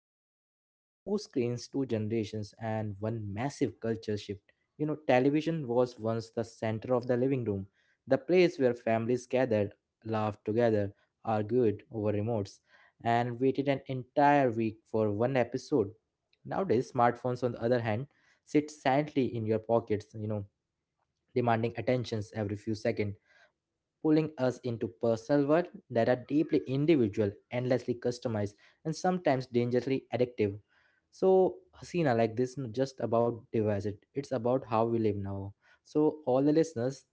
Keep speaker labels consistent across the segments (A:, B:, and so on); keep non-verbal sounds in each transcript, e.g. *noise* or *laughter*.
A: smartphones. Two screens, two generations, and one massive culture shift. You know, television was once the center of the living room, the place where families gathered, laughed together, argued over remotes, and waited an entire week for one episode. Nowadays, smartphones, on the other hand, sit silently in your pockets, you know, demanding attentions every few seconds, pulling us into personal world that are deeply individual, endlessly customized, and sometimes dangerously addictive. So, Hasina, like this, isn't just about devices. It's about how we live now. So, all the listeners,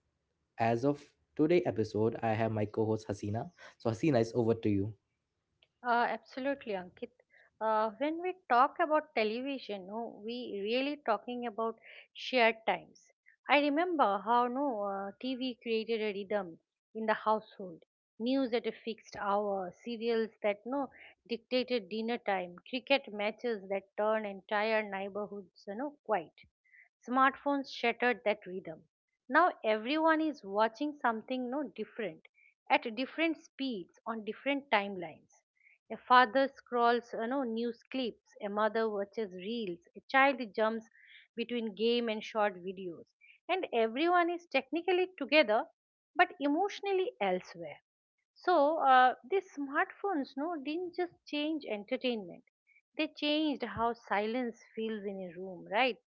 A: as of today episode, I have my co-host Hasina. So, Hasina, is over to you.
B: Absolutely, Ankit. When we talk about television, no, we really talking about shared times. I remember how no TV created a rhythm in the household. News at a fixed hour, serials that no dictated dinner time, cricket matches that turn entire neighborhoods, you know, quiet. Smartphones shattered that rhythm. Now everyone is watching something no different at different speeds on different timelines. A father scrolls, you know, news clips, a mother watches reels, a child jumps between game and short videos. And everyone is technically together but emotionally elsewhere. So these smartphones no didn't just change entertainment. They changed how silence feels in a room, right?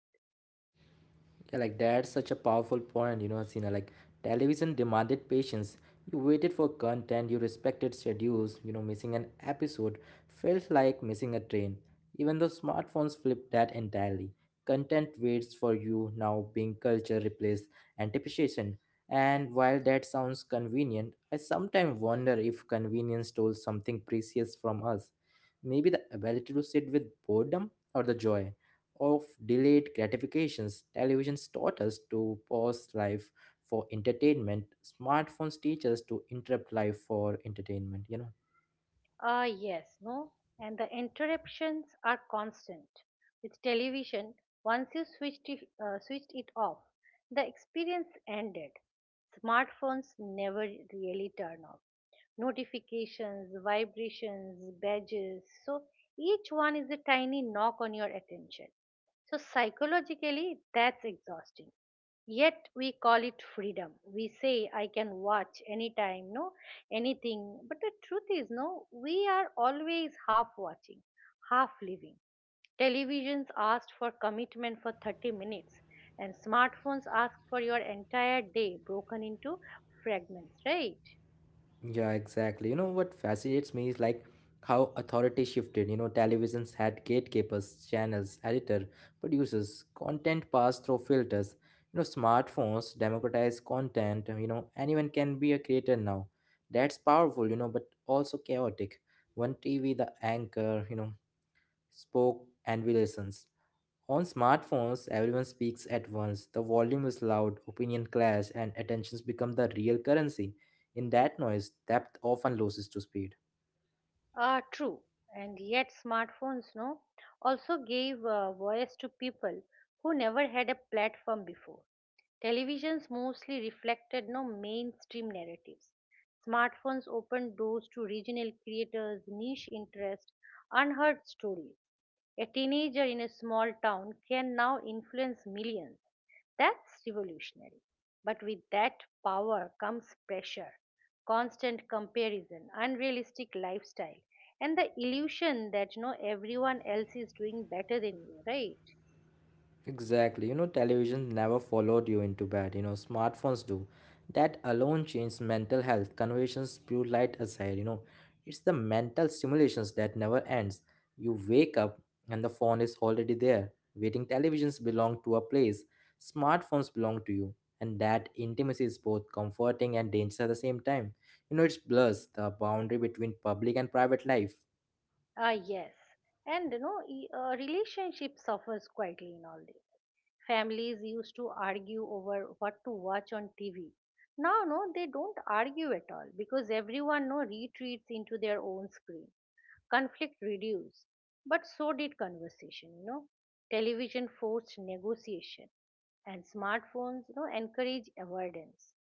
A: Yeah, like that's such a powerful point, you know, Asina. Like television demanded patience. You waited for content, you respected schedules, you know, missing an episode felt like missing a train. Even though smartphones flip that entirely. Content waits for you now being culture replaced anticipation. And while that sounds convenient, I sometimes wonder if convenience stole something precious from us. Maybe the ability to sit with boredom or the joy of delayed gratifications. Televisions taught us to pause life for entertainment. Smartphones teach us to interrupt life for entertainment, you know.
B: Ah, yes, no? And the interruptions are constant. With television, once you switched it off, the experience ended. Smartphones never really turn off. Notifications, vibrations, badges, so each one is a tiny knock on your attention. So, psychologically, that's exhausting. Yet, we call it freedom. We say, I can watch anytime, no, anything. But the truth is, no, we are always half watching, half living. Televisions asked for commitment for 30 minutes, and smartphones ask for your entire day broken into fragments, right?
A: Yeah, exactly. You know what fascinates me is like how authority shifted. You know, televisions had gatekeepers, channels, editor, producers, content passed through filters. You know, smartphones democratize content. You know, anyone can be a creator now. That's powerful, you know, but also chaotic. One TV, the anchor, you know, spoke and we listened. On smartphones, everyone speaks at once. The volume is loud, opinion clash, and attentions become the real currency. In that noise, depth often loses to speed.
B: True. And yet, smartphones, no, also gave voice to people who never had a platform before. Televisions mostly reflected no mainstream narratives. Smartphones opened doors to regional creators, niche interests, unheard stories. A teenager in a small town can now influence millions. That's revolutionary. But with that power comes pressure, constant comparison, unrealistic lifestyle, and the illusion that, you know, everyone else is doing better than you, right?
A: Exactly. You know, television never followed you into bed. You know, smartphones do. That alone changed mental health. Conversations spew light aside. You know, it's the mental stimulations that never ends. You wake up and the phone is already there. Waiting televisions belong to a place. Smartphones belong to you. And that intimacy is both comforting and dangerous at the same time. You know, it blurs the boundary between public and private life.
B: Ah, yes. And you know, relationship suffers quietly in all this. Families used to argue over what to watch on TV. Now, no, they don't argue at all because everyone no retreats into their own screen, conflict reduced, but so did conversation, you know. Television forced negotiation and smartphones, you know, encourage avoidance.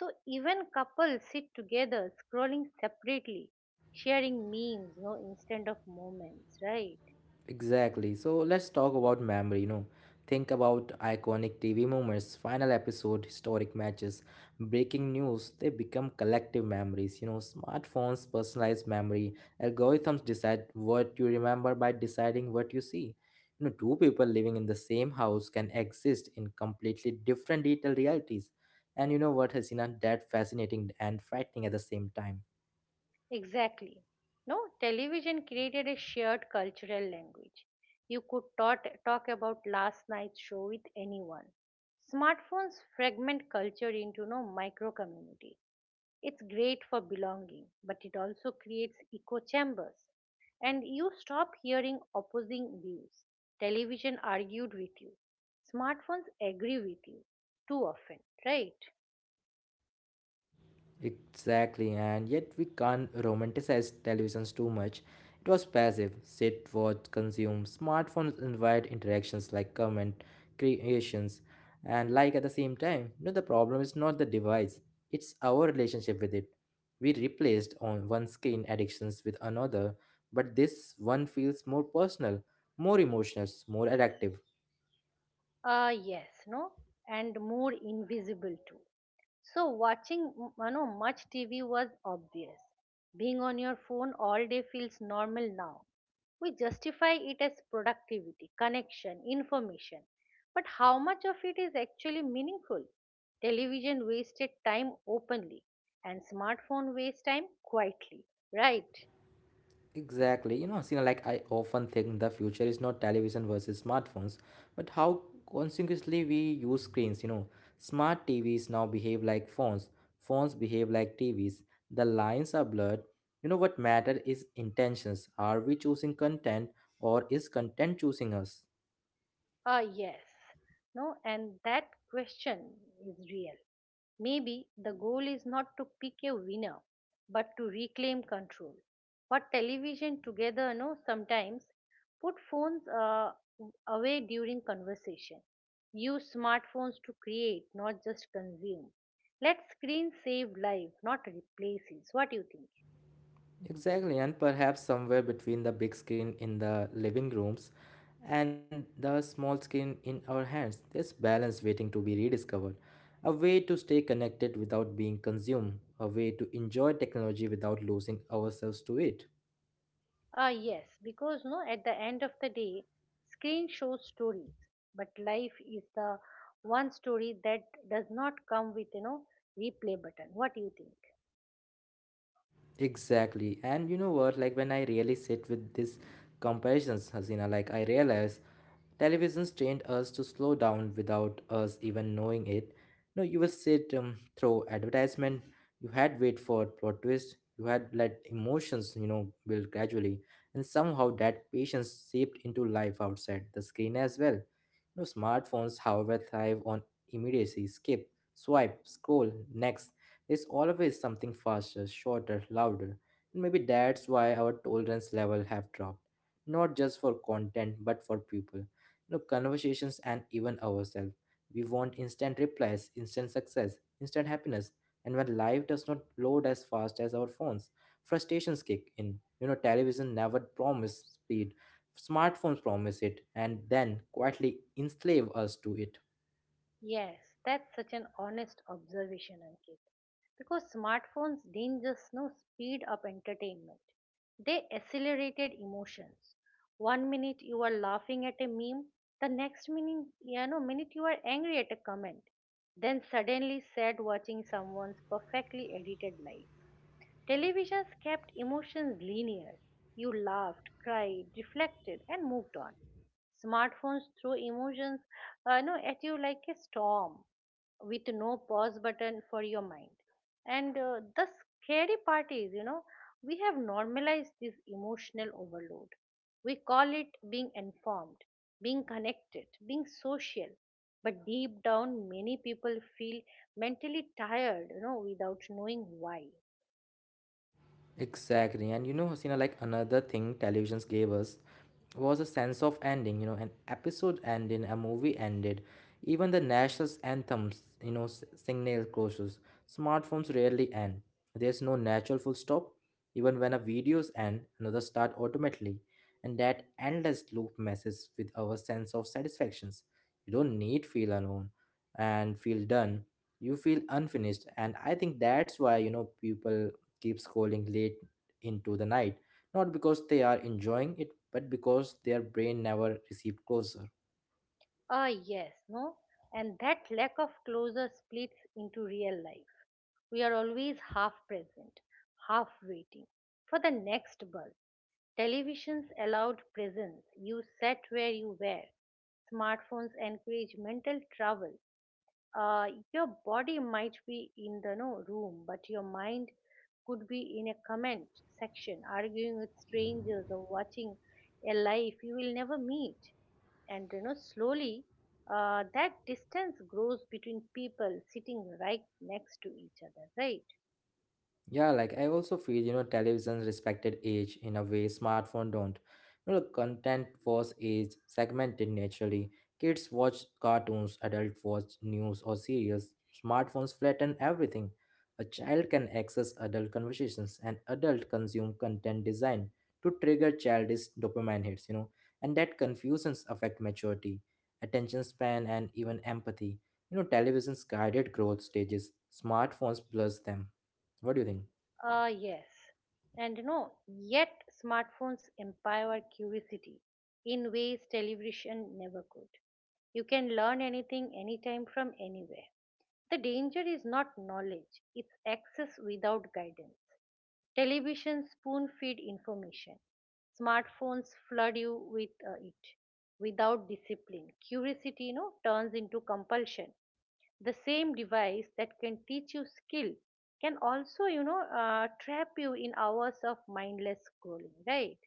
B: So even couples sit together scrolling separately, sharing memes, you know, instead of moments, right?
A: Exactly. So let's talk about memory, you know. Think about iconic TV moments, final episode, historic matches, breaking news, they become collective memories. You know, smartphones personalize memory. Algorithms decide what you remember by deciding what you see. You know, two people living in the same house can exist in completely different digital realities. And you know what, Hasina, that fascinating and frightening at the same time.
B: Exactly, no, television created a shared cultural language. You could talk about last night's show with anyone. Smartphones fragment culture into no micro community. It's great for belonging, but it also creates echo chambers. And you stop hearing opposing views. Television argued with you. Smartphones agree with you too often, right?
A: Exactly, and yet we can't romanticize televisions too much. It was passive sit, watch, consume. Smartphones invite interactions like comment, creations, and like at the same time. No, the problem is not the device, it's our relationship with it. We replaced on one screen addictions with another, but this one feels more personal, more emotional, more addictive.
B: Ah, yes, no? And more invisible too. So watching you know, much TV was obvious. Being on your phone all day feels normal now. We justify it as productivity, connection, information. But how much of it is actually meaningful? Television wasted time openly and smartphone waste time quietly, right?
A: Exactly. You know, Sina, like I often think the future is not television versus smartphones, but how consequently we use screens. You know, smart TVs now behave like phones, phones behave like TVs. The lines are blurred. You know, what matter is intentions. Are we choosing content or is content choosing us?
B: Ah, yes. No, and that question is real. Maybe the goal is not to pick a winner, but to reclaim control. But television together, no, sometimes put phones away during conversation. Use smartphones to create, not just consume. Let screen save life, not replaces. What do you think?
A: Mm-hmm. Exactly, and perhaps somewhere between the big screen in the living rooms and the small screen in our hands, there's balance waiting to be rediscovered. A way to stay connected without being consumed, a way to enjoy technology without losing ourselves to it.
B: Ah, yes, because no, at the end of the day, screen shows stories, but life is the one story that does not come with, you know, replay button. What do you think?
A: Exactly, and you know what? Like when I really sit with these comparisons, Hasina, like I realize television's trained us to slow down without us even knowing it. No, you will sit through advertisement. You had wait for plot twist. You had let emotions, you know, build gradually, and somehow that patience seeped into life outside the screen as well. You know, smartphones, however, thrive on immediacy. Skip, swipe, scroll, next. There's always something faster, shorter, louder, and maybe that's why our tolerance level have dropped not just for content but for people, you know, conversations, and even ourselves. We want instant replies, instant success, instant happiness. And when life does not load as fast as our phones, frustrations kick in. You know, television never promised speed, smartphones promise it, and then quietly enslave us to it.
B: Yes, that's such an honest observation, Ankit. Because smartphones didn't just no speed up entertainment, they accelerated emotions. One minute you are laughing at a meme, the next minute you are angry at a comment, then suddenly sad watching someone's perfectly edited life. Televisions kept emotions linear. You laughed, cried, reflected, and moved on. Smartphones throw emotions no, at you like a storm with no pause button for your mind. And the scary part is, you know, we have normalized this emotional overload. We call it being informed, being connected, being social. But deep down, many people feel mentally tired, you know, without knowing why.
A: Exactly. And you know, Hasina, like another thing televisions gave us was a sense of ending, you know, an episode ended, a movie ended. Even the national anthems, you know, signal closures. Smartphones rarely end. There's no natural full stop. Even when a videos end, another start automatically. And that endless loop messes with our sense of satisfactions. You don't need feel alone and feel done. You feel unfinished. And I think that's why, you know, people keep scrolling late into the night, not because they are enjoying it, but because their brain never received closure.
B: Ah, yes, no? And that lack of closure splits into real life. We are always half present, half waiting for the next buzz. Televisions allowed presence. You sat where you were. Smartphones encourage mental travel. Uh, your body might be in the no room, but your mind could be in a comment section, arguing with strangers or watching a life you will never meet. And you know, slowly, that distance grows between people sitting right next to each other, right?
A: Yeah, like I also feel, you know, televisions respected age in a way smartphone don't. You know, the content was age segmented naturally. Kids watch cartoons, adults watch news or serials. Smartphones flatten everything. A child can access adult conversations, and adult consume content designed to trigger childish dopamine hits, you know, and that confusions affect maturity, attention span, and even empathy. You know, televisions guided growth stages, smartphones blurs them. What do you think?
B: Yes. And no, yet smartphones empower curiosity in ways television never could. You can learn anything, anytime, from anywhere. The danger is not knowledge, it's access without guidance. Television spoon feed information. Smartphones flood you with it without discipline. Curiosity, you know, turns into compulsion. The same device that can teach you skill can also, you know, trap you in hours of mindless scrolling, right?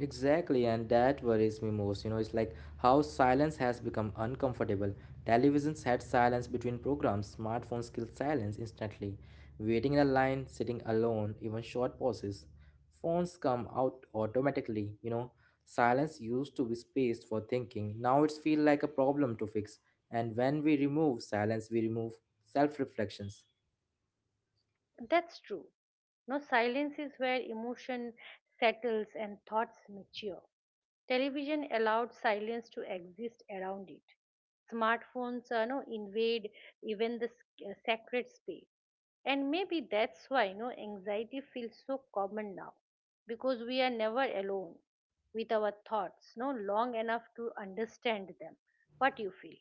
A: Exactly, and that worries me most. You know, it's like how silence has become uncomfortable. Televisions had silence between programs, smartphones kill silence instantly. Waiting in a line, sitting alone, even short pauses. Phones come out automatically, you know. Silence used to be spaced for thinking. Now it's feel like a problem to fix. And when we remove silence, we remove self-reflections.
B: That's true. No, silence is where emotion settles and thoughts mature. Television allowed silence to exist around it. Smartphones no, invade even the sacred space. And maybe that's why no anxiety feels so common now because we are never alone with our thoughts no long enough to understand them. What do you feel?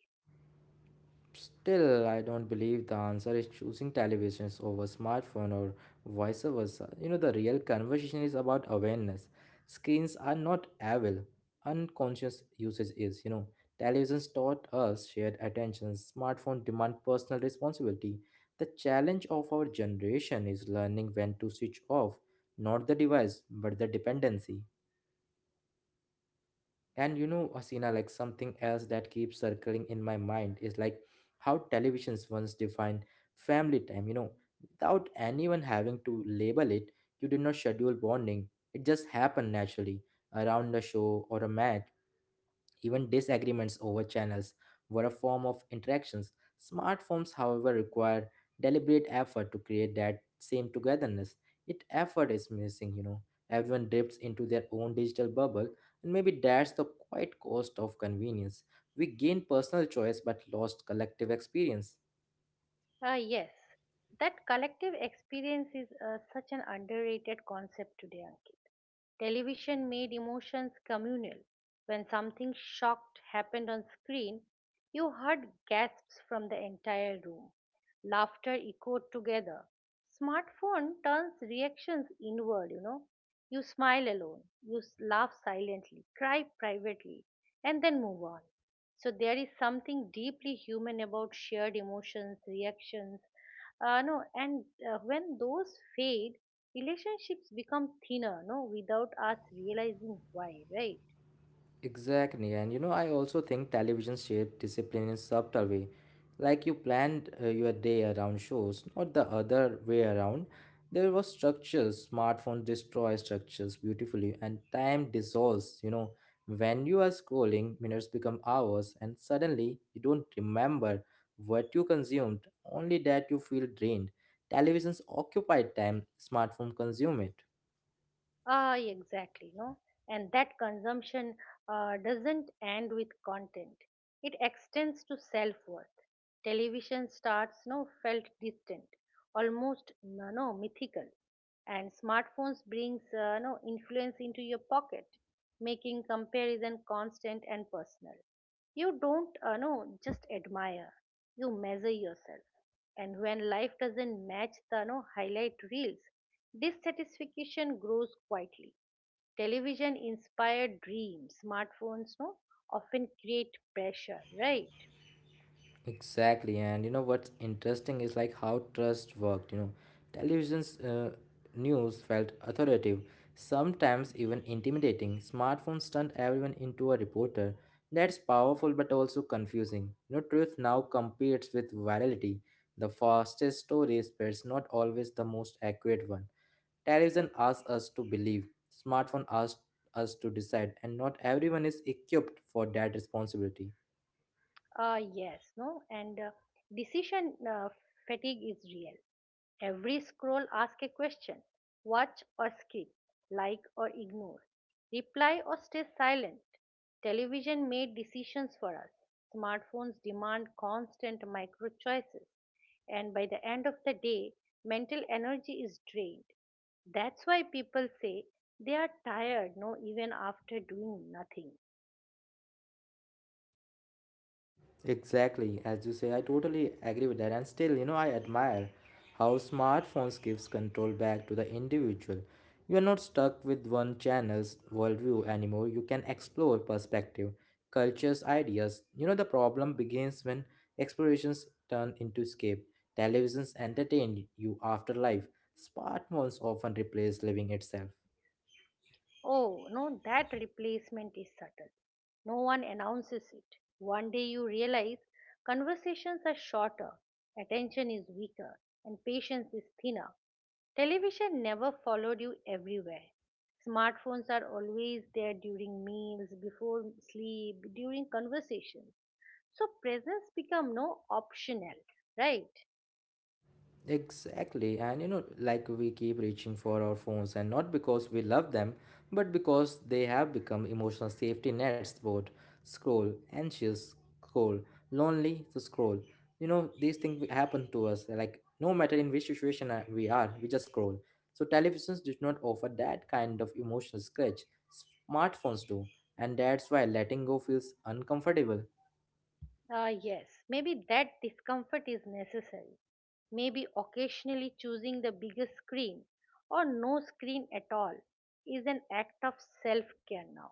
A: Still, I don't believe the answer is choosing televisions over smartphone or vice versa. You know, the real conversation is about awareness. Screens are not evil. Unconscious usage is, you know. Televisions taught us shared attention. Smartphone demand personal responsibility. The challenge of our generation is learning when to switch off, not the device, but the dependency. And you know, Asina, like something else that keeps circling in my mind is like how televisions once defined family time, you know, without anyone having to label it, you did not schedule bonding. It just happened naturally around a show or a match. Even disagreements over channels were a form of interactions. Smartphones, however, require deliberate effort to create that same togetherness. It effort is missing, you know. Everyone drifts into their own digital bubble, and maybe that's the quiet cost of convenience. We gain personal choice but lost collective experience.
B: Ah, yes, that collective experience is such an underrated concept today, Ankit. Television made emotions communal. When something shocked happened on screen, you heard gasps from the entire room. Laughter echoed together. Smartphone turns reactions inward, you know. You smile alone, you laugh silently, cry privately, and then move on. So there is something deeply human about shared emotions, reactions, no, and when those fade, relationships become thinner, no, without us realizing why, right?
A: Exactly, and you know, I also think television shaped discipline in subtle way. Like you planned your day around shows, not the other way around. There was structures. Smartphone destroys structures beautifully, and time dissolves. You know, when you are scrolling, minutes become hours, and suddenly you don't remember what you consumed. Only that you feel drained. Televisions occupy time. Smartphone consume it.
B: Ah, exactly, no? And that consumption doesn't end with content. It extends to self-worth. Television starts no felt distant, almost no, no mythical. And smartphones brings no influence into your pocket, making comparison constant and personal. You don't no, just admire. You measure yourself. And when life doesn't match the no, highlight reels, dissatisfaction grows quietly. Television inspired dreams, smartphones no, often create pressure, right?
A: Exactly, and you know what's interesting is like how trust worked. You know, television's news felt authoritative, sometimes even intimidating. Smartphones turned everyone into a reporter. That's powerful but also confusing. You know, truth now competes with virality. The fastest story spreads not always the most accurate one. Television asks us to believe, smartphone asks us to decide, and not everyone is equipped for that responsibility.
B: Yes, no, and decision fatigue is real. Every scroll asks a question: watch or skip, like or ignore, reply or stay silent. Television made decisions for us. Smartphones demand constant micro choices, and by the end of the day, mental energy is drained. That's why people say they are tired, no, even after doing nothing.
A: Exactly, as you say, I totally agree with that. And still, you know, I admire how smartphones gives control back to the individual. You are not stuck with one channel's worldview anymore. You can explore perspective, cultures, ideas. You know, the problem begins when explorations turn into escape. Televisions entertain you after life. Smartphones often replace living itself.
B: Oh, no, that replacement is subtle. No one announces it. One day you realize conversations are shorter, attention is weaker, and patience is thinner. Television never followed you everywhere. Smartphones are always there during meals, before sleep, during conversations. So presence become no optional, right?
A: Exactly, and you know, like we keep reaching for our phones, and not because we love them, but because they have become emotional safety nets. Both scroll, anxious, scroll, lonely, to scroll. You know, these things happen to us. Like no matter in which situation we are, we just scroll. So televisions did not offer that kind of emotional scratch. Smartphones do, and that's why letting go feels uncomfortable.
B: Ah, yes, maybe that discomfort is necessary. Maybe occasionally choosing the biggest screen or no screen at all is an act of self care now.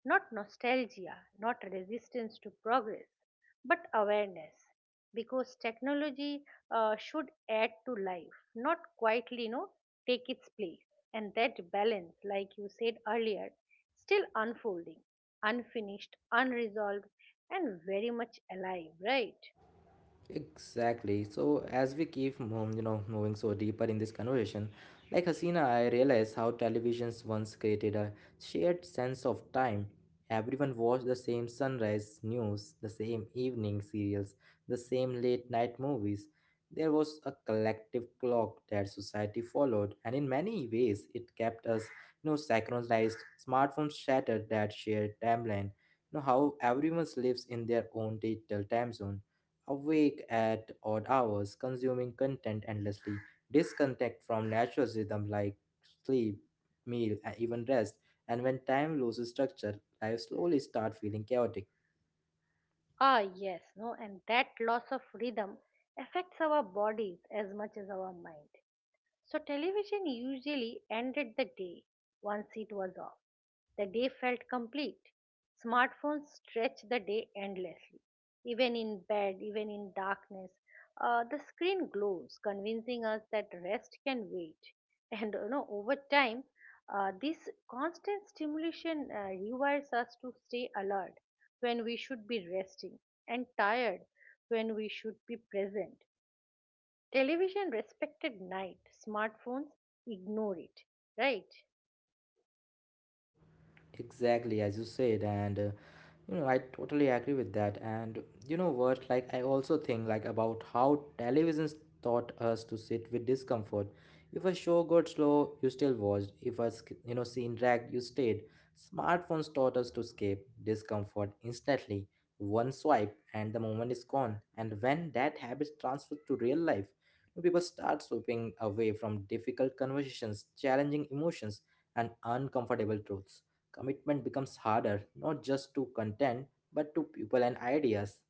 B: Not nostalgia, not resistance to progress, but awareness. Because technology should add to life, not quietly, you know, take its place. And that balance, like you said earlier, still unfolding, unfinished, unresolved, and very much alive, right?
A: Exactly. So as we keep, you know, moving so deeper in this conversation, like Hasina, I realize how televisions once created a shared sense of time. Everyone watched the same sunrise news, the same evening serials, the same late night movies. There was a collective clock that society followed, and in many ways, it kept us, you know, synchronized. Smartphones shattered that shared timeline. You know how everyone lives in their own digital time zone awake at odd hours, consuming content endlessly, disconnect from natural rhythm like sleep, meal, and even rest. And when time loses structure, life slowly start feeling chaotic.
B: Ah, yes, no, and that loss of rhythm affects our bodies as much as our mind. So television usually ended the day once it was off. The day felt complete. Smartphones stretched the day endlessly. Even in bed, even in darkness, the screen glows, convincing us that rest can wait. *laughs* And you know, over time, this constant stimulation rewires us to stay alert when we should be resting and tired when we should be present. Television respected night, smartphones ignore it, right?
A: Exactly, as you said, and I totally agree with that. And you know what? I also think about how televisions taught us to sit with discomfort. If a show got slow, you still watched. If a scene dragged, you stayed. Smartphones taught us to escape discomfort instantly. One swipe, and the moment is gone. And when that habit transfers to real life, people start sweeping away from difficult conversations, challenging emotions, and uncomfortable truths commitment becomes harder, not just to content, but to people and ideas.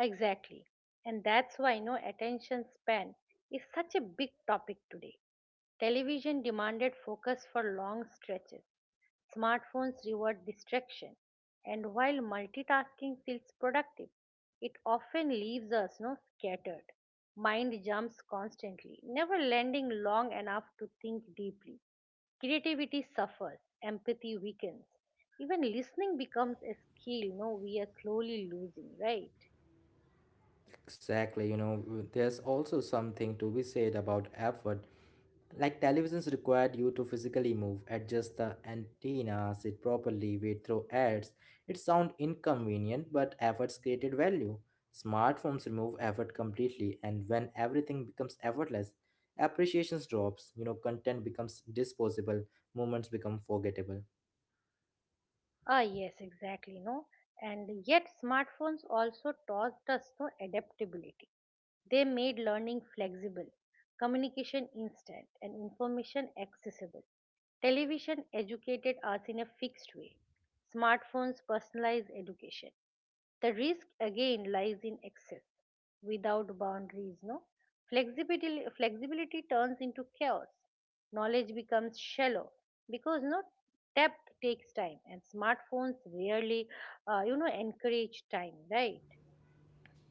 B: Exactly. And that's why no attention span is such a big topic today. Television demanded focus for long stretches. Smartphones reward distraction. And while multitasking feels productive, it often leaves us no scattered. Mind jumps constantly, never landing long enough to think deeply. Creativity suffers, empathy weakens. Even listening becomes a skill, no, we are slowly losing, right?
A: Exactly, you know, there's also something to be said about effort. Like televisions required you to physically move, adjust the antenna, sit properly, wait through ads. It sound inconvenient, but efforts created value. Smartphones remove effort completely, and when everything becomes effortless, appreciations drops. You know, content becomes disposable, moments become forgettable.
B: Ah, yes, exactly, no. And yet, smartphones also taught us no adaptability. They made learning flexible, communication instant, and information accessible. Television educated us in a fixed way, smartphones personalize education. The risk again lies in excess, without boundaries, no? Flexibility turns into chaos. Knowledge becomes shallow because no depth takes time, and smartphones rarely, you know, encourage time, right?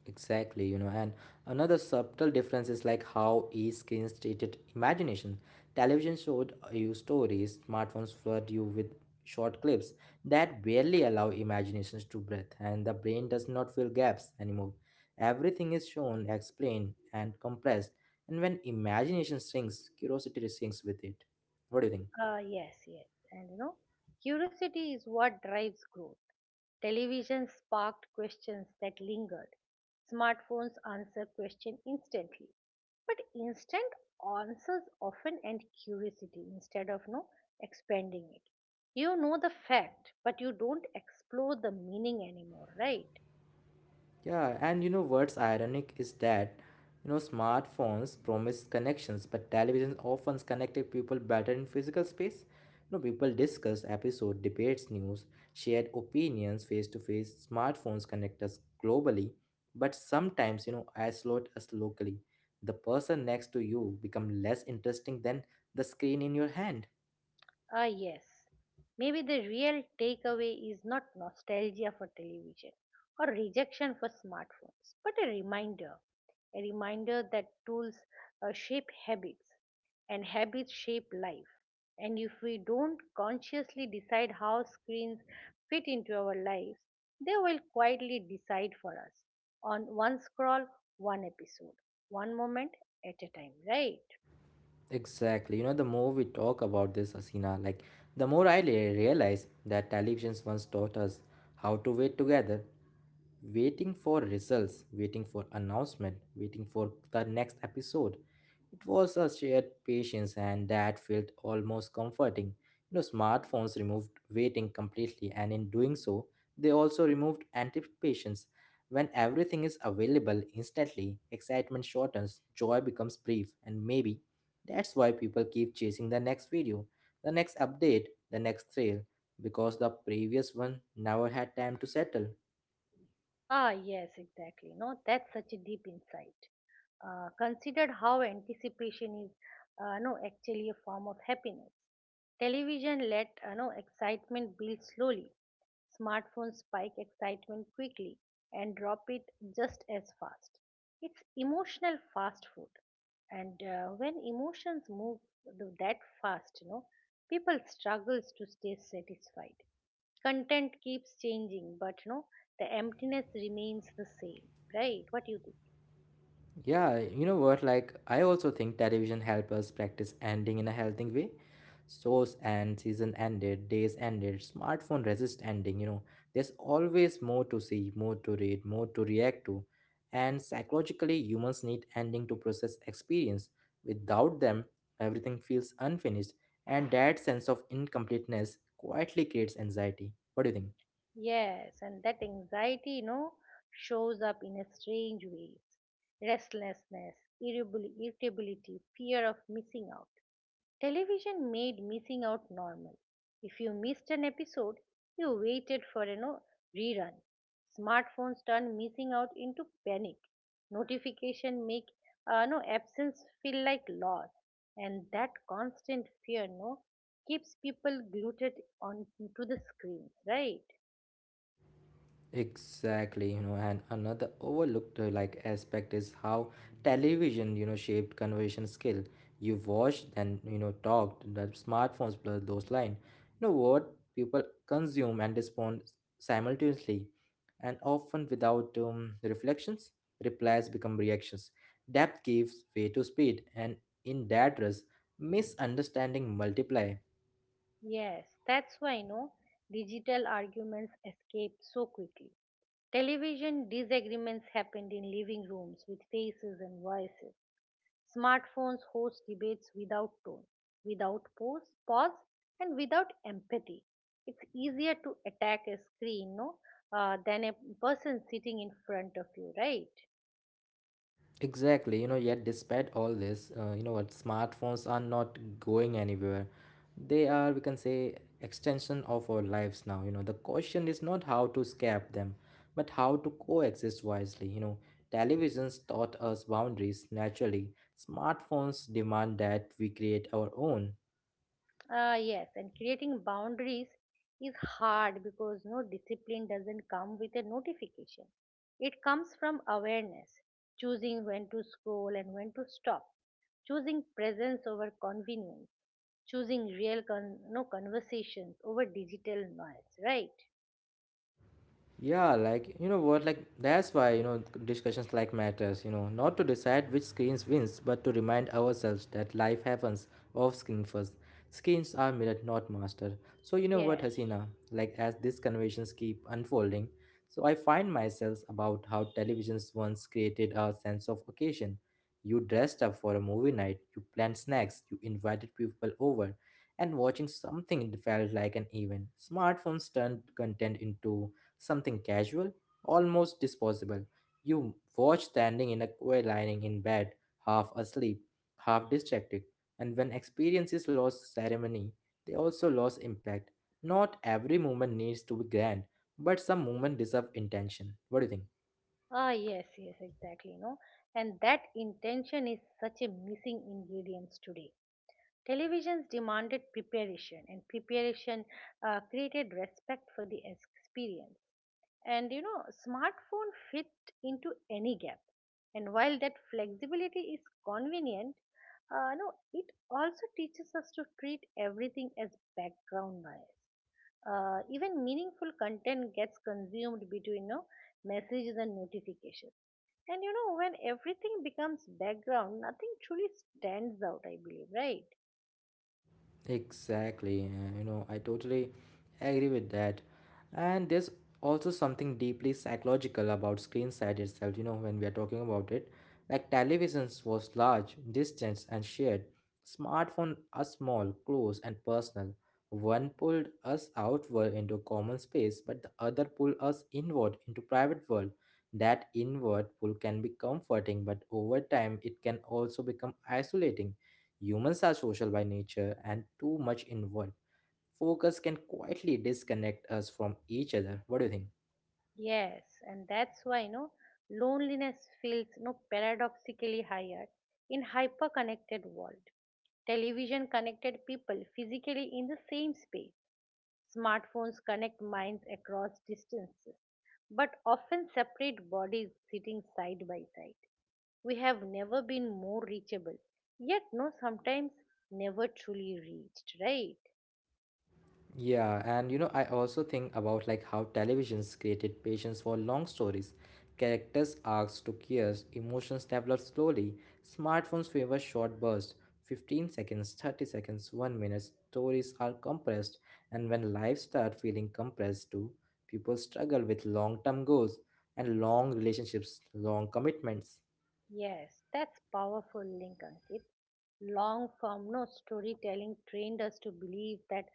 A: Exactly, you know, and another subtle difference is like how e-screens treated imagination. Television showed you stories, smartphones flood you with short clips that barely allow imaginations to breathe, and the brain does not fill gaps anymore. Everything is shown, explained, and compressed, and when imagination shrinks, curiosity shrinks with it. What do you think?
B: Yes. And you know, curiosity is what drives growth. Television sparked questions that lingered. Smartphones answer questions instantly. But instant answers often end curiosity instead of no expanding it. You know the fact, but you don't explore the meaning anymore, right?
A: Yeah, and you know what's ironic is that you know smartphones promise connections, but television often connected people better in physical space. You know, people discuss episode, debates, news, shared opinions face to face. Smartphones connect us globally, but sometimes you know isolate us locally. The person next to you become less interesting than the screen in your hand.
B: Ah, yes. Maybe the real takeaway is not nostalgia for television or rejection for smartphones, but a reminder. A reminder that tools shape habits and habits shape life. And if we don't consciously decide how screens fit into our lives, they will quietly decide for us, on one scroll, one episode, one moment at a time, right?
A: Exactly. You know, the more we talk about this, Asina, like the more I realize that televisions once taught us how to wait together waiting for results, waiting for announcement, waiting for the next episode. It was a shared patience, and that felt almost comforting. You know, smartphones removed waiting completely, and in doing so, they also removed anticipations. When everything is available instantly, excitement shortens, joy becomes brief, and maybe that's why people keep chasing the next video, the next update, the next thrill, because the previous one never had time to settle.
B: Ah, yes, exactly. No, that's such a deep insight. Considered how anticipation is, no, actually a form of happiness. Television let no excitement build slowly. Smartphones spike excitement quickly and drop it just as fast. It's emotional fast food, and when emotions move that fast, people struggles to stay satisfied. Content keeps changing, but the emptiness remains the same, right? What do you think?
A: Yeah, you know what? I also think television help us practice ending in a healthy way. Shows and season ended, days ended, smartphone resist ending. You know, there's always more to see, more to read, more to react to, and psychologically, humans need ending to process experience. Without them, everything feels unfinished, and that sense of incompleteness quietly creates anxiety. What do you think?
B: Yes, and that anxiety, shows up in a strange ways. Restlessness, irritability, fear of missing out. Television made missing out normal. If you missed an episode, you waited for a no rerun. Smartphones turn missing out into panic. Notification make no absence feel like loss, and that constant fear no keeps people glued on to the screens, right?
A: Exactly, you know, and another overlooked aspect is how television, you know, shaped conversation skill. You watched, then you know, talked. The smartphones blur those lines. You know what people consume and respond simultaneously, and often without reflections. Replies become reactions. Depth gives way to speed, and in that rush, misunderstanding multiply.
B: Yes, that's why I know digital arguments escaped so quickly. Television disagreements happened in living rooms with faces and voices. Smartphones host debates without tone, without pause, and without empathy. It's easier to attack a screen no, than a person sitting in front of you, right?
A: Exactly, you know, yet despite all this, you know what, smartphones are not going anywhere. They are, we can say, extension of our lives now. You know, the question is not how to escape them, but how to coexist wisely. You know, televisions taught us boundaries naturally. Smartphones demand that we create our own.
B: Yes, and creating boundaries is hard because discipline doesn't come with a notification. It comes from awareness, choosing when to scroll and when to stop, choosing presence over convenience, choosing real con- no conversations over digital noise, right?
A: Yeah, like you know what, like that's why you know discussions like matters. You know, not to decide which screens wins, but to remind ourselves that life happens off screen first. Screens are mirrored, not mastered. So you know
B: Yeah.
A: what, Hasina, like as these conversations keep unfolding, so I find myself about how televisions once created a sense of occasion. You dressed up for a movie night. You planned snacks. You invited people over and watching something felt like an event. Smartphones turned content into something casual, almost disposable. You watch standing in a queue lining in bed, half asleep, half distracted, and when experiences lost ceremony, they also lost impact. Not every moment needs to be grand, but some moment deserve intention. What do you think?
B: Yes exactly, no and that intention is such a missing ingredient today. Televisions demanded preparation, and preparation created respect for the experience. And you know, smartphone fit into any gap, and while that flexibility is convenient, no it also teaches us to treat everything as background noise. Even meaningful content gets consumed between, messages and notifications. And you know, when everything becomes background, nothing truly stands out, I believe, right?
A: Exactly. You know, I totally agree with that. And there's also something deeply psychological about screen side itself, you know, when we are talking about it. Like televisions was large, distant and shared. Smartphone are small, close and personal. One pulled us outward into common space, but the other pulled us inward into private world. That inward pull can be comforting, but over time it can also become isolating. Humans are social by nature, and too much inward focus can quietly disconnect us from each other. What do you think?
B: Yes, and that's why, you know, loneliness feels, you know, paradoxically higher in hyper connected world. Television connected people physically in the same space. Smartphones connect minds across distances, but often separate bodies sitting side by side. We have never been more reachable, yet, sometimes never truly reached, right?
A: Yeah, and you know, I also think about like how televisions created patience for long stories. Characters' arcs took years, emotions developed slowly. Smartphones favor short bursts 15 seconds, 30 seconds, 1 minute. Stories are compressed, and when lives start feeling compressed too, people struggle with long term goals and long relationships, long commitments.
B: Yes, that's powerful link, Ankit. Long form, no storytelling trained us to believe that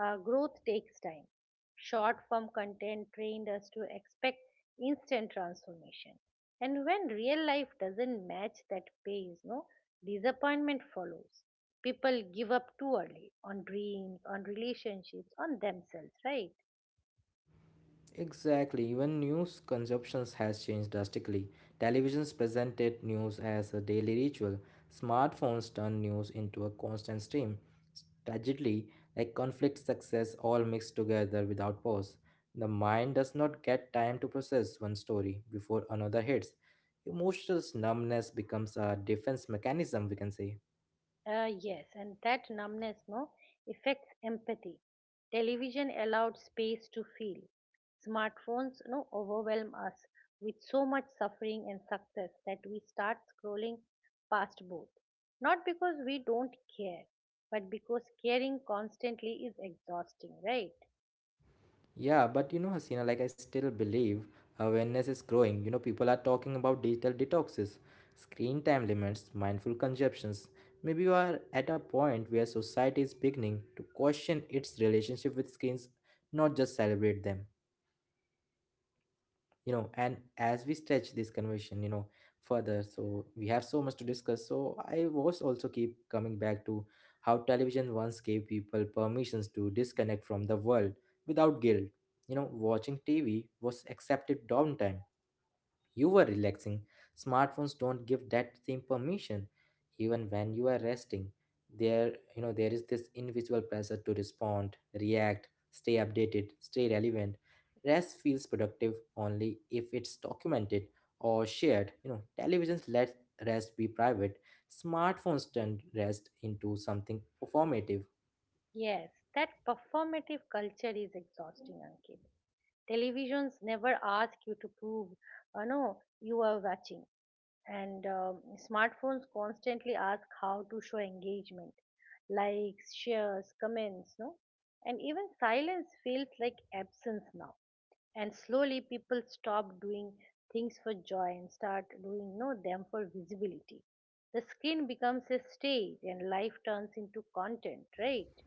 B: growth takes time. Short form content trained us to expect instant transformation. And when real life doesn't match that pace, no disappointment follows. People give up too early on dreams, on relationships, on themselves, right?
A: Exactly, even news consumptions has changed drastically. Televisions presented news as a daily ritual. Smartphones turn news into a constant stream. Tragically, like conflict, success, all mixed together without pause. The mind does not get time to process one story before another hits. Emotional numbness becomes a defense mechanism, we can say.
B: Yes, and that numbness no affects empathy. Television allowed space to feel. Smartphones no overwhelm us with so much suffering and success that we start scrolling past both. Not because we don't care, but because caring constantly is exhausting, right?
A: Yeah, but you know, Hasina, like I still believe awareness is growing. You know, people are talking about digital detoxes, screen time limits, mindful consumptions. Maybe we are at a point where society is beginning to question its relationship with screens, not just celebrate them. You know, and as we stretch this conversation, you know, further, so we have so much to discuss, so I was also keep coming back to how television once gave people permissions to disconnect from the world without guilt. You know, watching TV was accepted downtime, you were relaxing. Smartphones don't give that same permission. Even when you are resting, there you know there is this invisible pressure to respond, react, stay updated, stay relevant. Rest feels productive only if it's documented or shared. You know, televisions let rest be private. Smartphones turn rest into something performative.
B: Yes, that performative culture is exhausting, Ankit. Televisions never ask you to prove, oh no, you are watching. And smartphones constantly ask how to show engagement, likes, shares, comments no And even silence feels like absence now, and slowly people stop doing things for joy and start doing no them for visibility. The screen becomes a stage and life turns into content, right?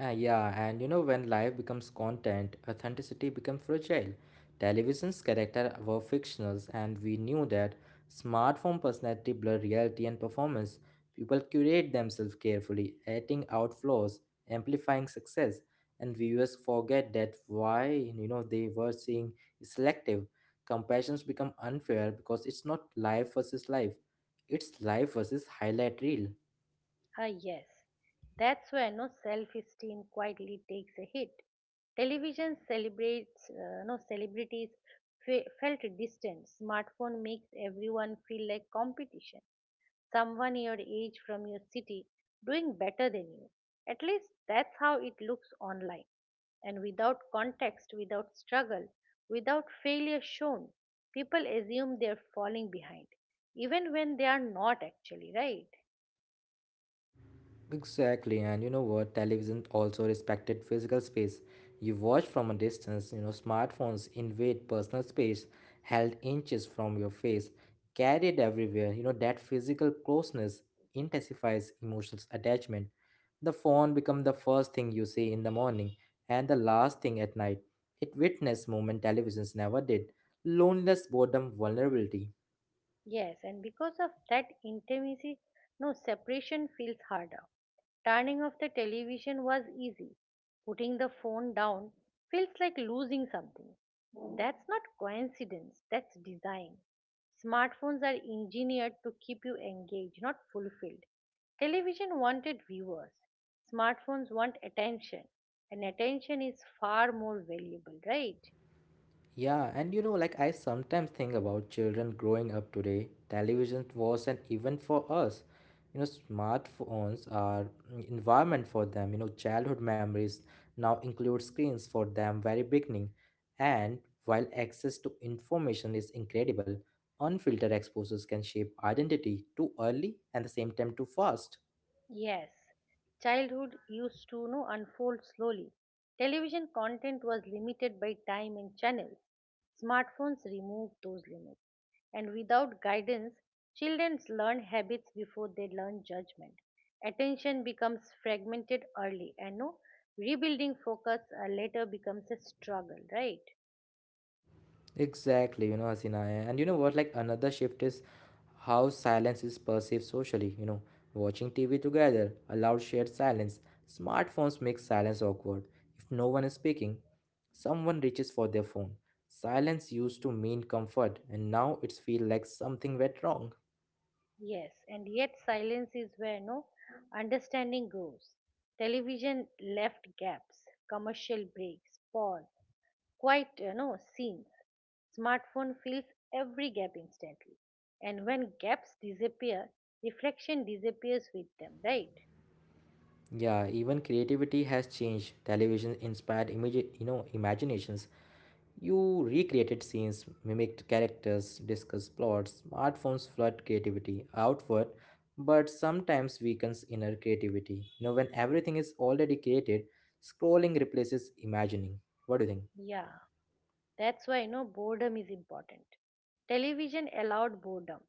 A: Yeah, and you know, when life becomes content, authenticity becomes fragile. Television's characters were fictionals, and we knew that smartphone personality blur reality and performance. People curate themselves carefully, editing out flaws, amplifying success, and viewers forget that why you know they were seeing is selective. Comparisons become unfair because it's not life versus life; it's life versus highlight reel.
B: Ah, yes. That's where no self-esteem quietly takes a hit. Television celebrates no celebrities felt distant. Smartphone makes everyone feel like competition. Someone your age from your city doing better than you. At least that's how it looks online. And without context, without struggle, without failure shown, people assume they're falling behind, even when they are not actually, right?
A: Exactly, and you know what? Television also respected physical space. You watch from a distance, you know, smartphones invade personal space, held inches from your face, carried everywhere. You know, that physical closeness intensifies emotional attachment. The phone becomes the first thing you see in the morning and the last thing at night. It witnessed moment televisions never did. Loneliness, boredom, vulnerability.
B: Yes, and because of that intimacy, no separation feels harder. Turning off the television was easy. Putting the phone down feels like losing something. That's not coincidence, that's design. Smartphones are engineered to keep you engaged, not fulfilled. Television wanted viewers, smartphones want attention, and attention is far more valuable, right?
A: Yeah, and you know, like I sometimes think about children growing up today. Television was an event for us. You know, smartphones are environment for them. You know, childhood memories now include screens for them very beginning. And while access to information is incredible, unfiltered exposures can shape identity too early and the same time too fast.
B: Yes, childhood used to no unfold slowly. Television content was limited by time and channels. Smartphones removed those limits. And without guidance, children learn habits before they learn judgment. Attention becomes fragmented early, and no rebuilding focus later becomes a struggle, right?
A: Exactly, you know, Hasina. And you know what? Like another shift is how silence is perceived socially. You know, watching TV together allows shared silence. Smartphones make silence awkward. If no one is speaking, someone reaches for their phone. Silence used to mean comfort, and now it's feel like something went wrong.
B: Yes, and yet silence is where no understanding grows. Television left gaps, commercial breaks, pause, quite you know scenes. Smartphone fills every gap instantly, and when gaps disappear, reflection disappears with them, right?
A: Yeah, even creativity has changed. Television inspired imaginations. You recreated scenes, mimicked characters, discussed plots. Smartphones flood creativity outward, but sometimes weakens inner creativity. You know, when everything is already created, scrolling replaces imagining. What do you think?
B: Yeah, that's why, you know, boredom is important. Television allowed boredom,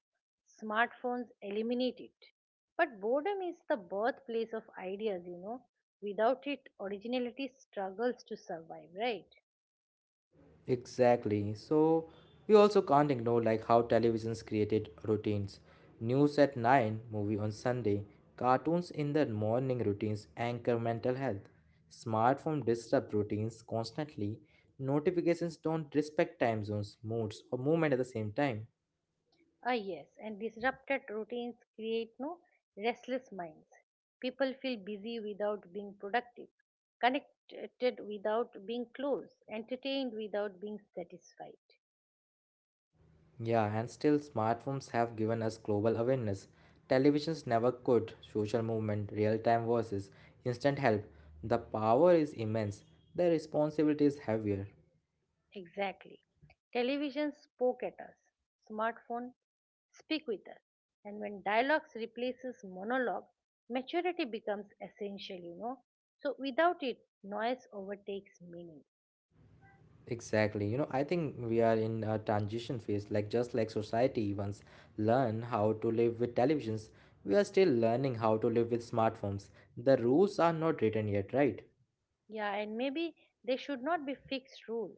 B: smartphones eliminate it. But boredom is the birthplace of ideas, you know. Without it, originality struggles to survive, right?
A: Exactly. So we also can't ignore like how televisions created routines. News at 9, movie on Sunday, cartoons in the morning routines anchor mental health. Smartphone disrupt routines constantly. Notifications don't respect time zones, moods, or movement at the same time.
B: Ah, yes, and disrupted routines create no restless minds. People feel busy without being productive, connected without being close, entertained without being satisfied.
A: Yeah, and still smartphones have given us global awareness. Televisions never could. Social movement, real-time voices, instant help. The power is immense. The responsibility is heavier.
B: Exactly. Television spoke at us, smartphone speak with us. And when dialogues replaces monologue, maturity becomes essential, you know. So without it, noise overtakes meaning.
A: Exactly. You know, I think we are in a transition phase, like just like society once learn how to live with televisions, we are still learning how to live with smartphones. The rules are not written yet, right?
B: Yeah, and maybe there should not be fixed rule.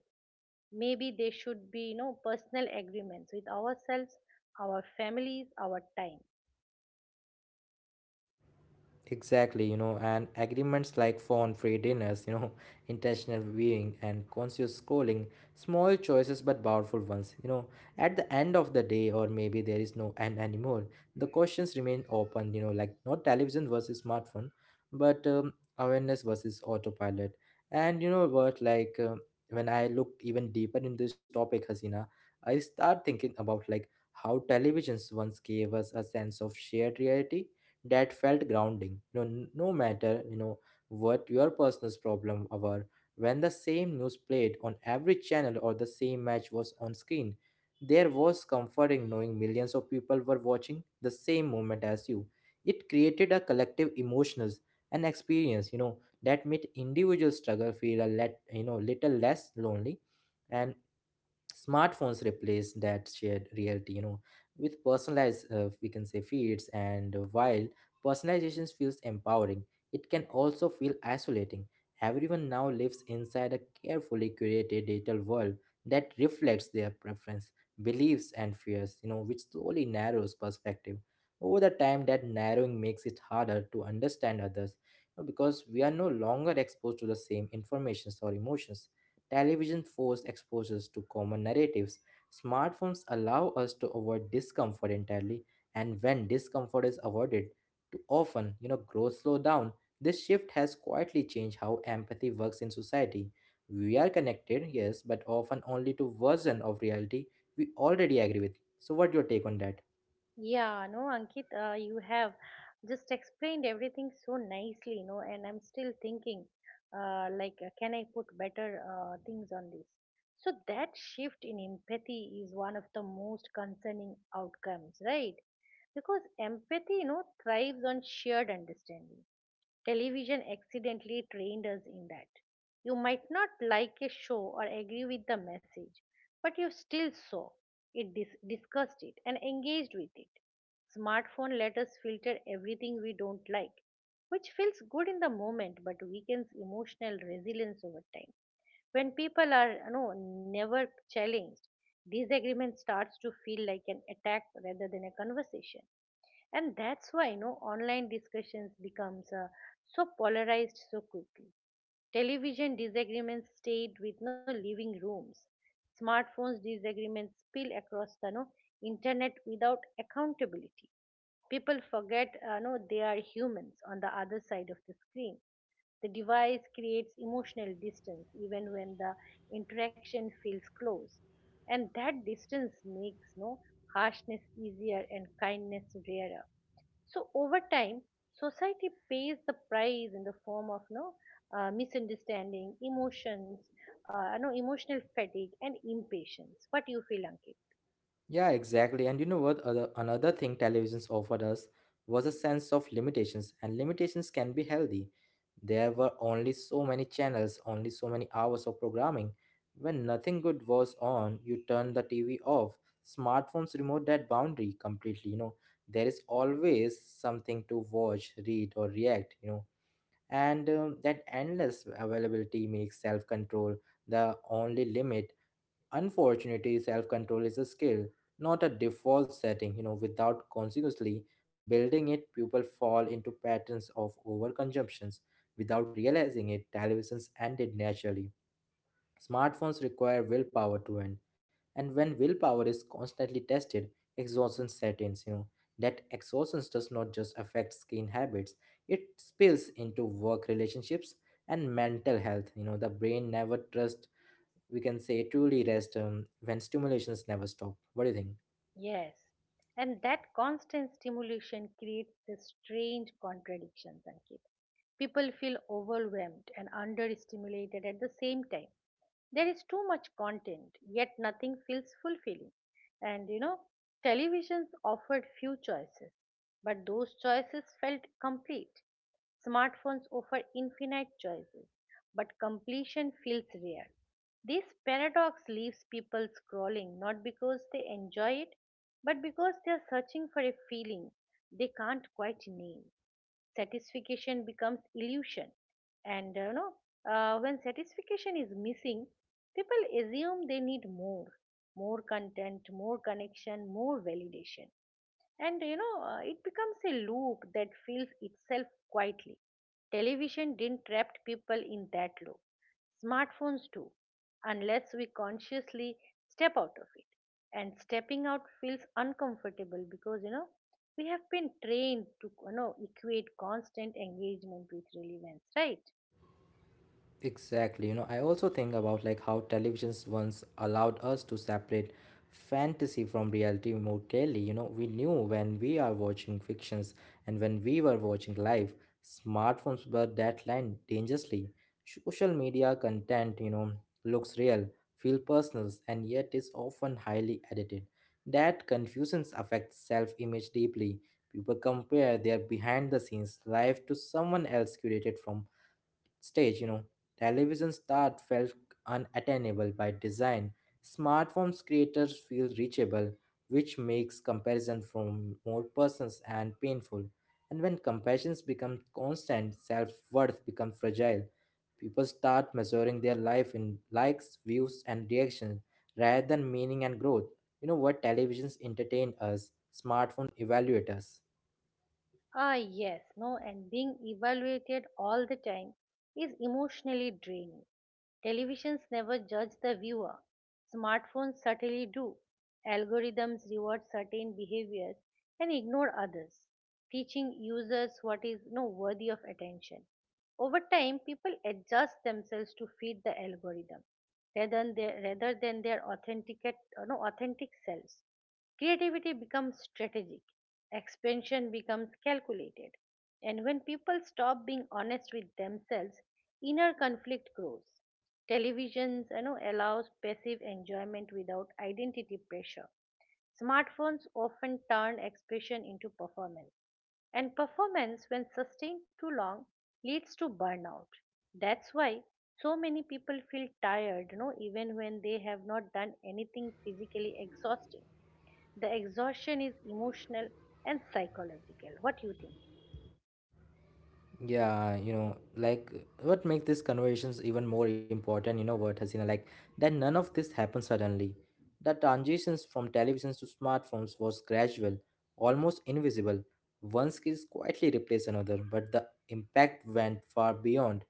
B: Maybe there should be, you know, personal agreements with ourselves, our families, our time.
A: Exactly, you know, and agreements like phone free dinners, you know, *laughs* intentional viewing and conscious scrolling, small choices but powerful ones. You know, at the end of the day, or maybe there is no end anymore, the questions remain open, you know, like not television versus smartphone, but awareness versus autopilot. And you know what, like, when I look even deeper in this topic, Hasina, I start thinking about like how televisions once gave us a sense of shared reality that felt grounding, you know, no matter, you know, what your personal problem were. When the same news played on every channel or the same match was on screen, there was comforting knowing millions of people were watching the same moment as you. It created a collective emotions and experience, you know, that made individual struggle feel a let, you know, little less lonely. And smartphones replace that shared reality, you know, with personalized, we can say feeds. And while personalization feels empowering, it can also feel isolating. Everyone now lives inside a carefully curated digital world that reflects their preference, beliefs and fears, you know, which slowly narrows perspective. Over the time, that narrowing makes it harder to understand others, you know, because we are no longer exposed to the same informations or emotions. Television forced exposures to common narratives. Smartphones allow us to avoid discomfort entirely, and when discomfort is avoided, too often, you know, growth slow down. This shift has quietly changed how empathy works in society. We are connected, yes, but often only to version of reality we already agree with. So, what your take on that?
B: Yeah, no, Ankit, you have just explained everything so nicely, you know, and I'm still thinking, can I put better things on this. So that shift in empathy is one of the most concerning outcomes, right? Because empathy, you know, thrives on shared understanding. Television accidentally trained us in that. You might not like a show or agree with the message, but you still saw it, discussed it, and engaged with it. Smartphone let us filter everything we don't like, which feels good in the moment but weakens emotional resilience over time. When people are, you know, never challenged, disagreement starts to feel like an attack rather than a conversation. And that's why, you know, online discussions becomes so polarized so quickly. Television disagreements stayed with no living rooms. Smartphones disagreements spill across the internet without accountability. People forget no they are humans on the other side of the screen. The device creates emotional distance even when the interaction feels close, and that distance makes no harshness easier and kindness rarer. So over time, society pays the price in the form of misunderstanding, emotions, no emotional fatigue, and impatience. What do you feel, Ankit?
A: Yeah, exactly. And you know what? Other, another thing televisions offered us was a sense of limitations, and limitations can be healthy. There were only so many channels, only so many hours of programming. When nothing good was on, you turn the TV off. Smartphones remove that boundary completely. You know, there is always something to watch, read, or react. You know, and that endless availability makes self control the only limit. Unfortunately, self control is a skill, not a default setting. You know, without consciously building it, people fall into patterns of overconsumptions. Without realizing it, televisions ended naturally. Smartphones require willpower to end, and when willpower is constantly tested, exhaustion sets in. You know, that exhaustion does not just affect skin habits; it spills into work relationships and mental health. You know, the brain never trusts we can say truly rest when stimulations never stop. What do you think?
B: Yes, and that constant stimulation creates these strange contradictions, Ankit. People feel overwhelmed and understimulated at the same time. There is too much content, yet nothing feels fulfilling. And you know, televisions offered few choices, but those choices felt complete. Smartphones offer infinite choices, but completion feels rare. This paradox leaves people scrolling not because they enjoy it, but because they are searching for a feeling they can't quite name. Satisfaction becomes illusion, and when satisfaction is missing, people assume they need more, more content, more connection, more validation. And you know, it becomes a loop that fills itself quietly. Television didn't trap people in that loop, smartphones do, unless we consciously step out of it. And stepping out feels uncomfortable because, you know, we have been trained to, you know, equate constant engagement with relevance, right?
A: Exactly. You know, I also think about like how televisions once allowed us to separate fantasy from reality more clearly. You know, we knew when we are watching fictions and when we were watching live. Smartphones blur that line dangerously. Social media content, you know, looks real, feel personal, and yet is often highly edited. That confusion affects self-image deeply. People compare their behind-the-scenes life to someone else curated from stage, you know. Television start felt unattainable by design. Smartphones creators feel reachable, which makes comparison from more persons and painful. And when comparisons become constant, self-worth becomes fragile. People start measuring their life in likes, views, and reactions rather than meaning and growth. You know what, televisions entertain us, smartphone evaluate us.
B: Ah, yes, no, and being evaluated all the time is emotionally draining. Televisions never judge the viewer, smartphones certainly do. Algorithms reward certain behaviors and ignore others, teaching users what is no worthy of attention. Over time, people adjust themselves to fit the algorithm rather than their authentic, no, authentic selves. Creativity becomes strategic. Expansion becomes calculated, and when people stop being honest with themselves, inner conflict grows. Televisions, you know, allows passive enjoyment without identity pressure. Smartphones often turn expression into performance, and performance, when sustained too long, leads to burnout. That's why so many people feel tired, you know, even when they have not done anything physically exhausting. The exhaustion is emotional and psychological. What do you think?
A: Yeah, you know, like what make these conversations even more important, you know what, Hasina, like that none of this happened suddenly. The transitions from televisions to smartphones was gradual, almost invisible. One skill quietly replaced another, but the impact went far beyond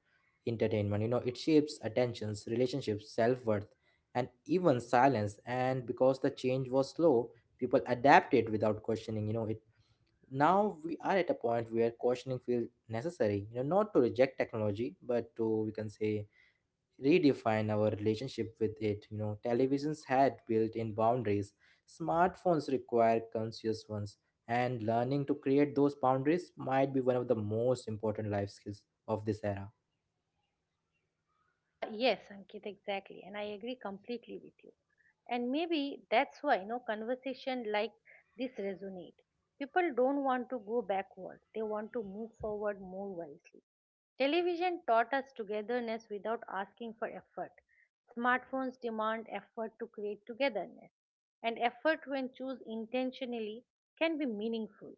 A: entertainment. You know, it shapes attentions, relationships, self-worth, and even silence. And because the change was slow, people adapted without questioning. You know, now we are at a point where cautioning feels necessary, you know, not to reject technology but to, we can say, redefine our relationship with it. You know, televisions had built-in boundaries, smartphones require conscious ones, and learning to create those boundaries might be one of the most important life skills of this era.
B: Yes, Ankit, exactly. And I agree completely with you. And maybe that's why, you know, conversation like this resonate. People don't want to go backward. They want to move forward more wisely. Television taught us togetherness without asking for effort. Smartphones demand effort to create togetherness, and effort, when choose intentionally, can be meaningful.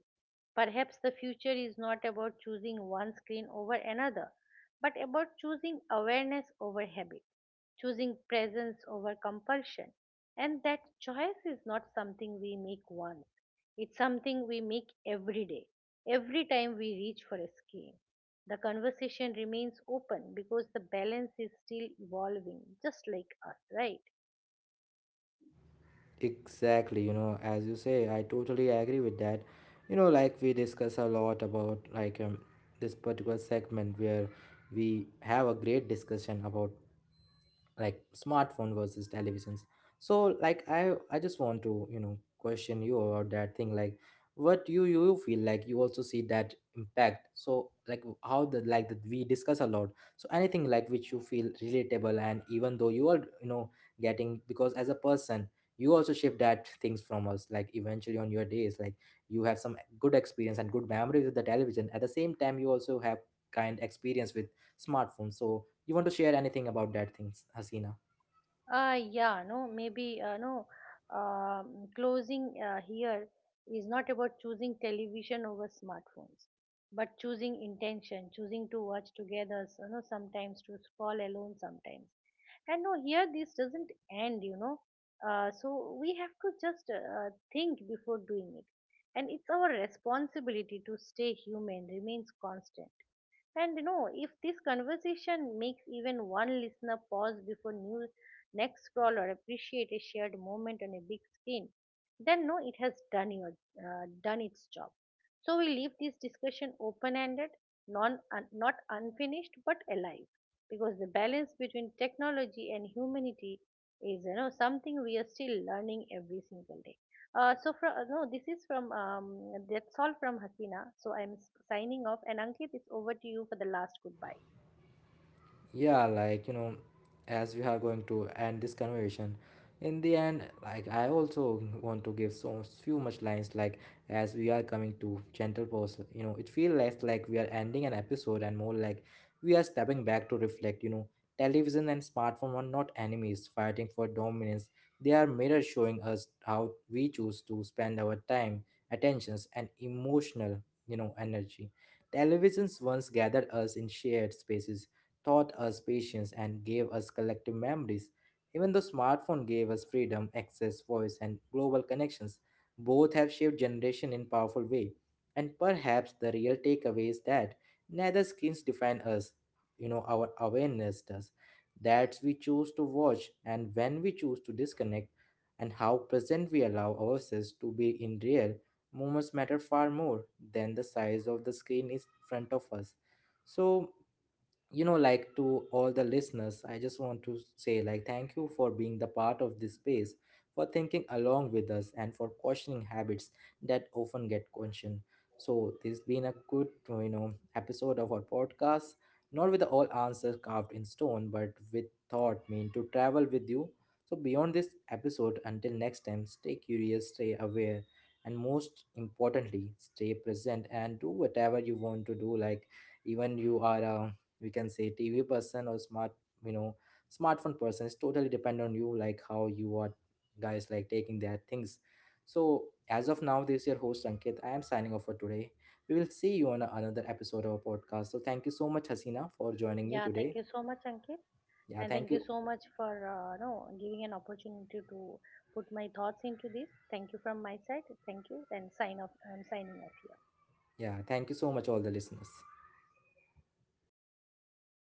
B: Perhaps the future is not about choosing one screen over another, but about choosing awareness over habit, choosing presence over compulsion, and that choice is not something we make once. It's something we make every day, every time we reach for a scale. The conversation remains open because the balance is still evolving, just like us, right?
A: Exactly, you know, as you say, I totally agree with that. You know, like we discuss a lot about like, this particular segment where we have a great discussion about like smartphone versus televisions. So like I just want to, you know, question you about that thing, like what you feel, like you also see that impact. So like how the, like that we discuss a lot, so anything like which you feel relatable, and even though you are, you know, getting because as a person you also shift that things from us like eventually on your days, like you have some good experience and good memories with the television. At the same time, you also have kind experience with smartphone. So you want to share anything about that things, Hasina?
B: Yeah, no, maybe, no, closing here is not about choosing television over smartphones, but choosing intention, choosing to watch together, you know, sometimes, to scroll alone, sometimes. And no, here this doesn't end, you know. So we have to just think before doing it. And it's our responsibility to stay human, remains constant. And you know, if this conversation makes even one listener pause before new next scroll or appreciate a shared moment on a big screen, then no, it has done your done its job. So we leave this discussion open ended, not unfinished but alive, because the balance between technology and humanity is, you know, something we are still learning every single day. So from no, this is from that's all from Hasina. So I'm signing off, and Ankit, it's over to you for the last goodbye.
A: Yeah, like, you know, as we are going to end this conversation, in the end, like I also want to give so few much lines, like as we are coming to gentle pause, you know, it feels less like we are ending an episode and more like we are stepping back to reflect. You know, television and smartphone are not enemies fighting for dominance, they are mirrors showing us how we choose to spend our time, attentions and emotional, you know, energy. Televisions once gathered us in shared spaces, taught us patience and gave us collective memories. Even though smartphone gave us freedom, access, voice, and global connections, both have shaped generation in powerful way. And perhaps the real takeaway is that neither screens define us, you know, our awareness does. That we choose to watch and when we choose to disconnect and how present we allow ourselves to be in real moments matter far more than the size of the screen in front of us. So, you know, like, to all the listeners, I just want to say like thank you for being the part of this space, for thinking along with us and for questioning habits that often get questioned. So this has been a good, you know, episode of our podcast, not with all answers carved in stone but with thought meant to travel with you. So beyond this episode, until next time, stay curious, stay aware, and most importantly, stay present, and do whatever you want to do. Like, even you are a, we can say, TV person or smart, you know, smartphone person. It's totally depend on you, like how you are guys, like taking their things. So as of now, this is your host Ankit, I am signing off for today. We will see you on another episode of our podcast. So thank you so much, Hasina, for joining me
B: Yeah, thank
A: today.
B: you so much, Ankit,
A: Yeah,
B: and
A: thank
B: thank you
A: you.
B: so much for no giving an opportunity to put my thoughts into this. Thank you from my side. Thank you, and sign off. I'm signing off here.
A: Yeah, thank you so much, all the listeners.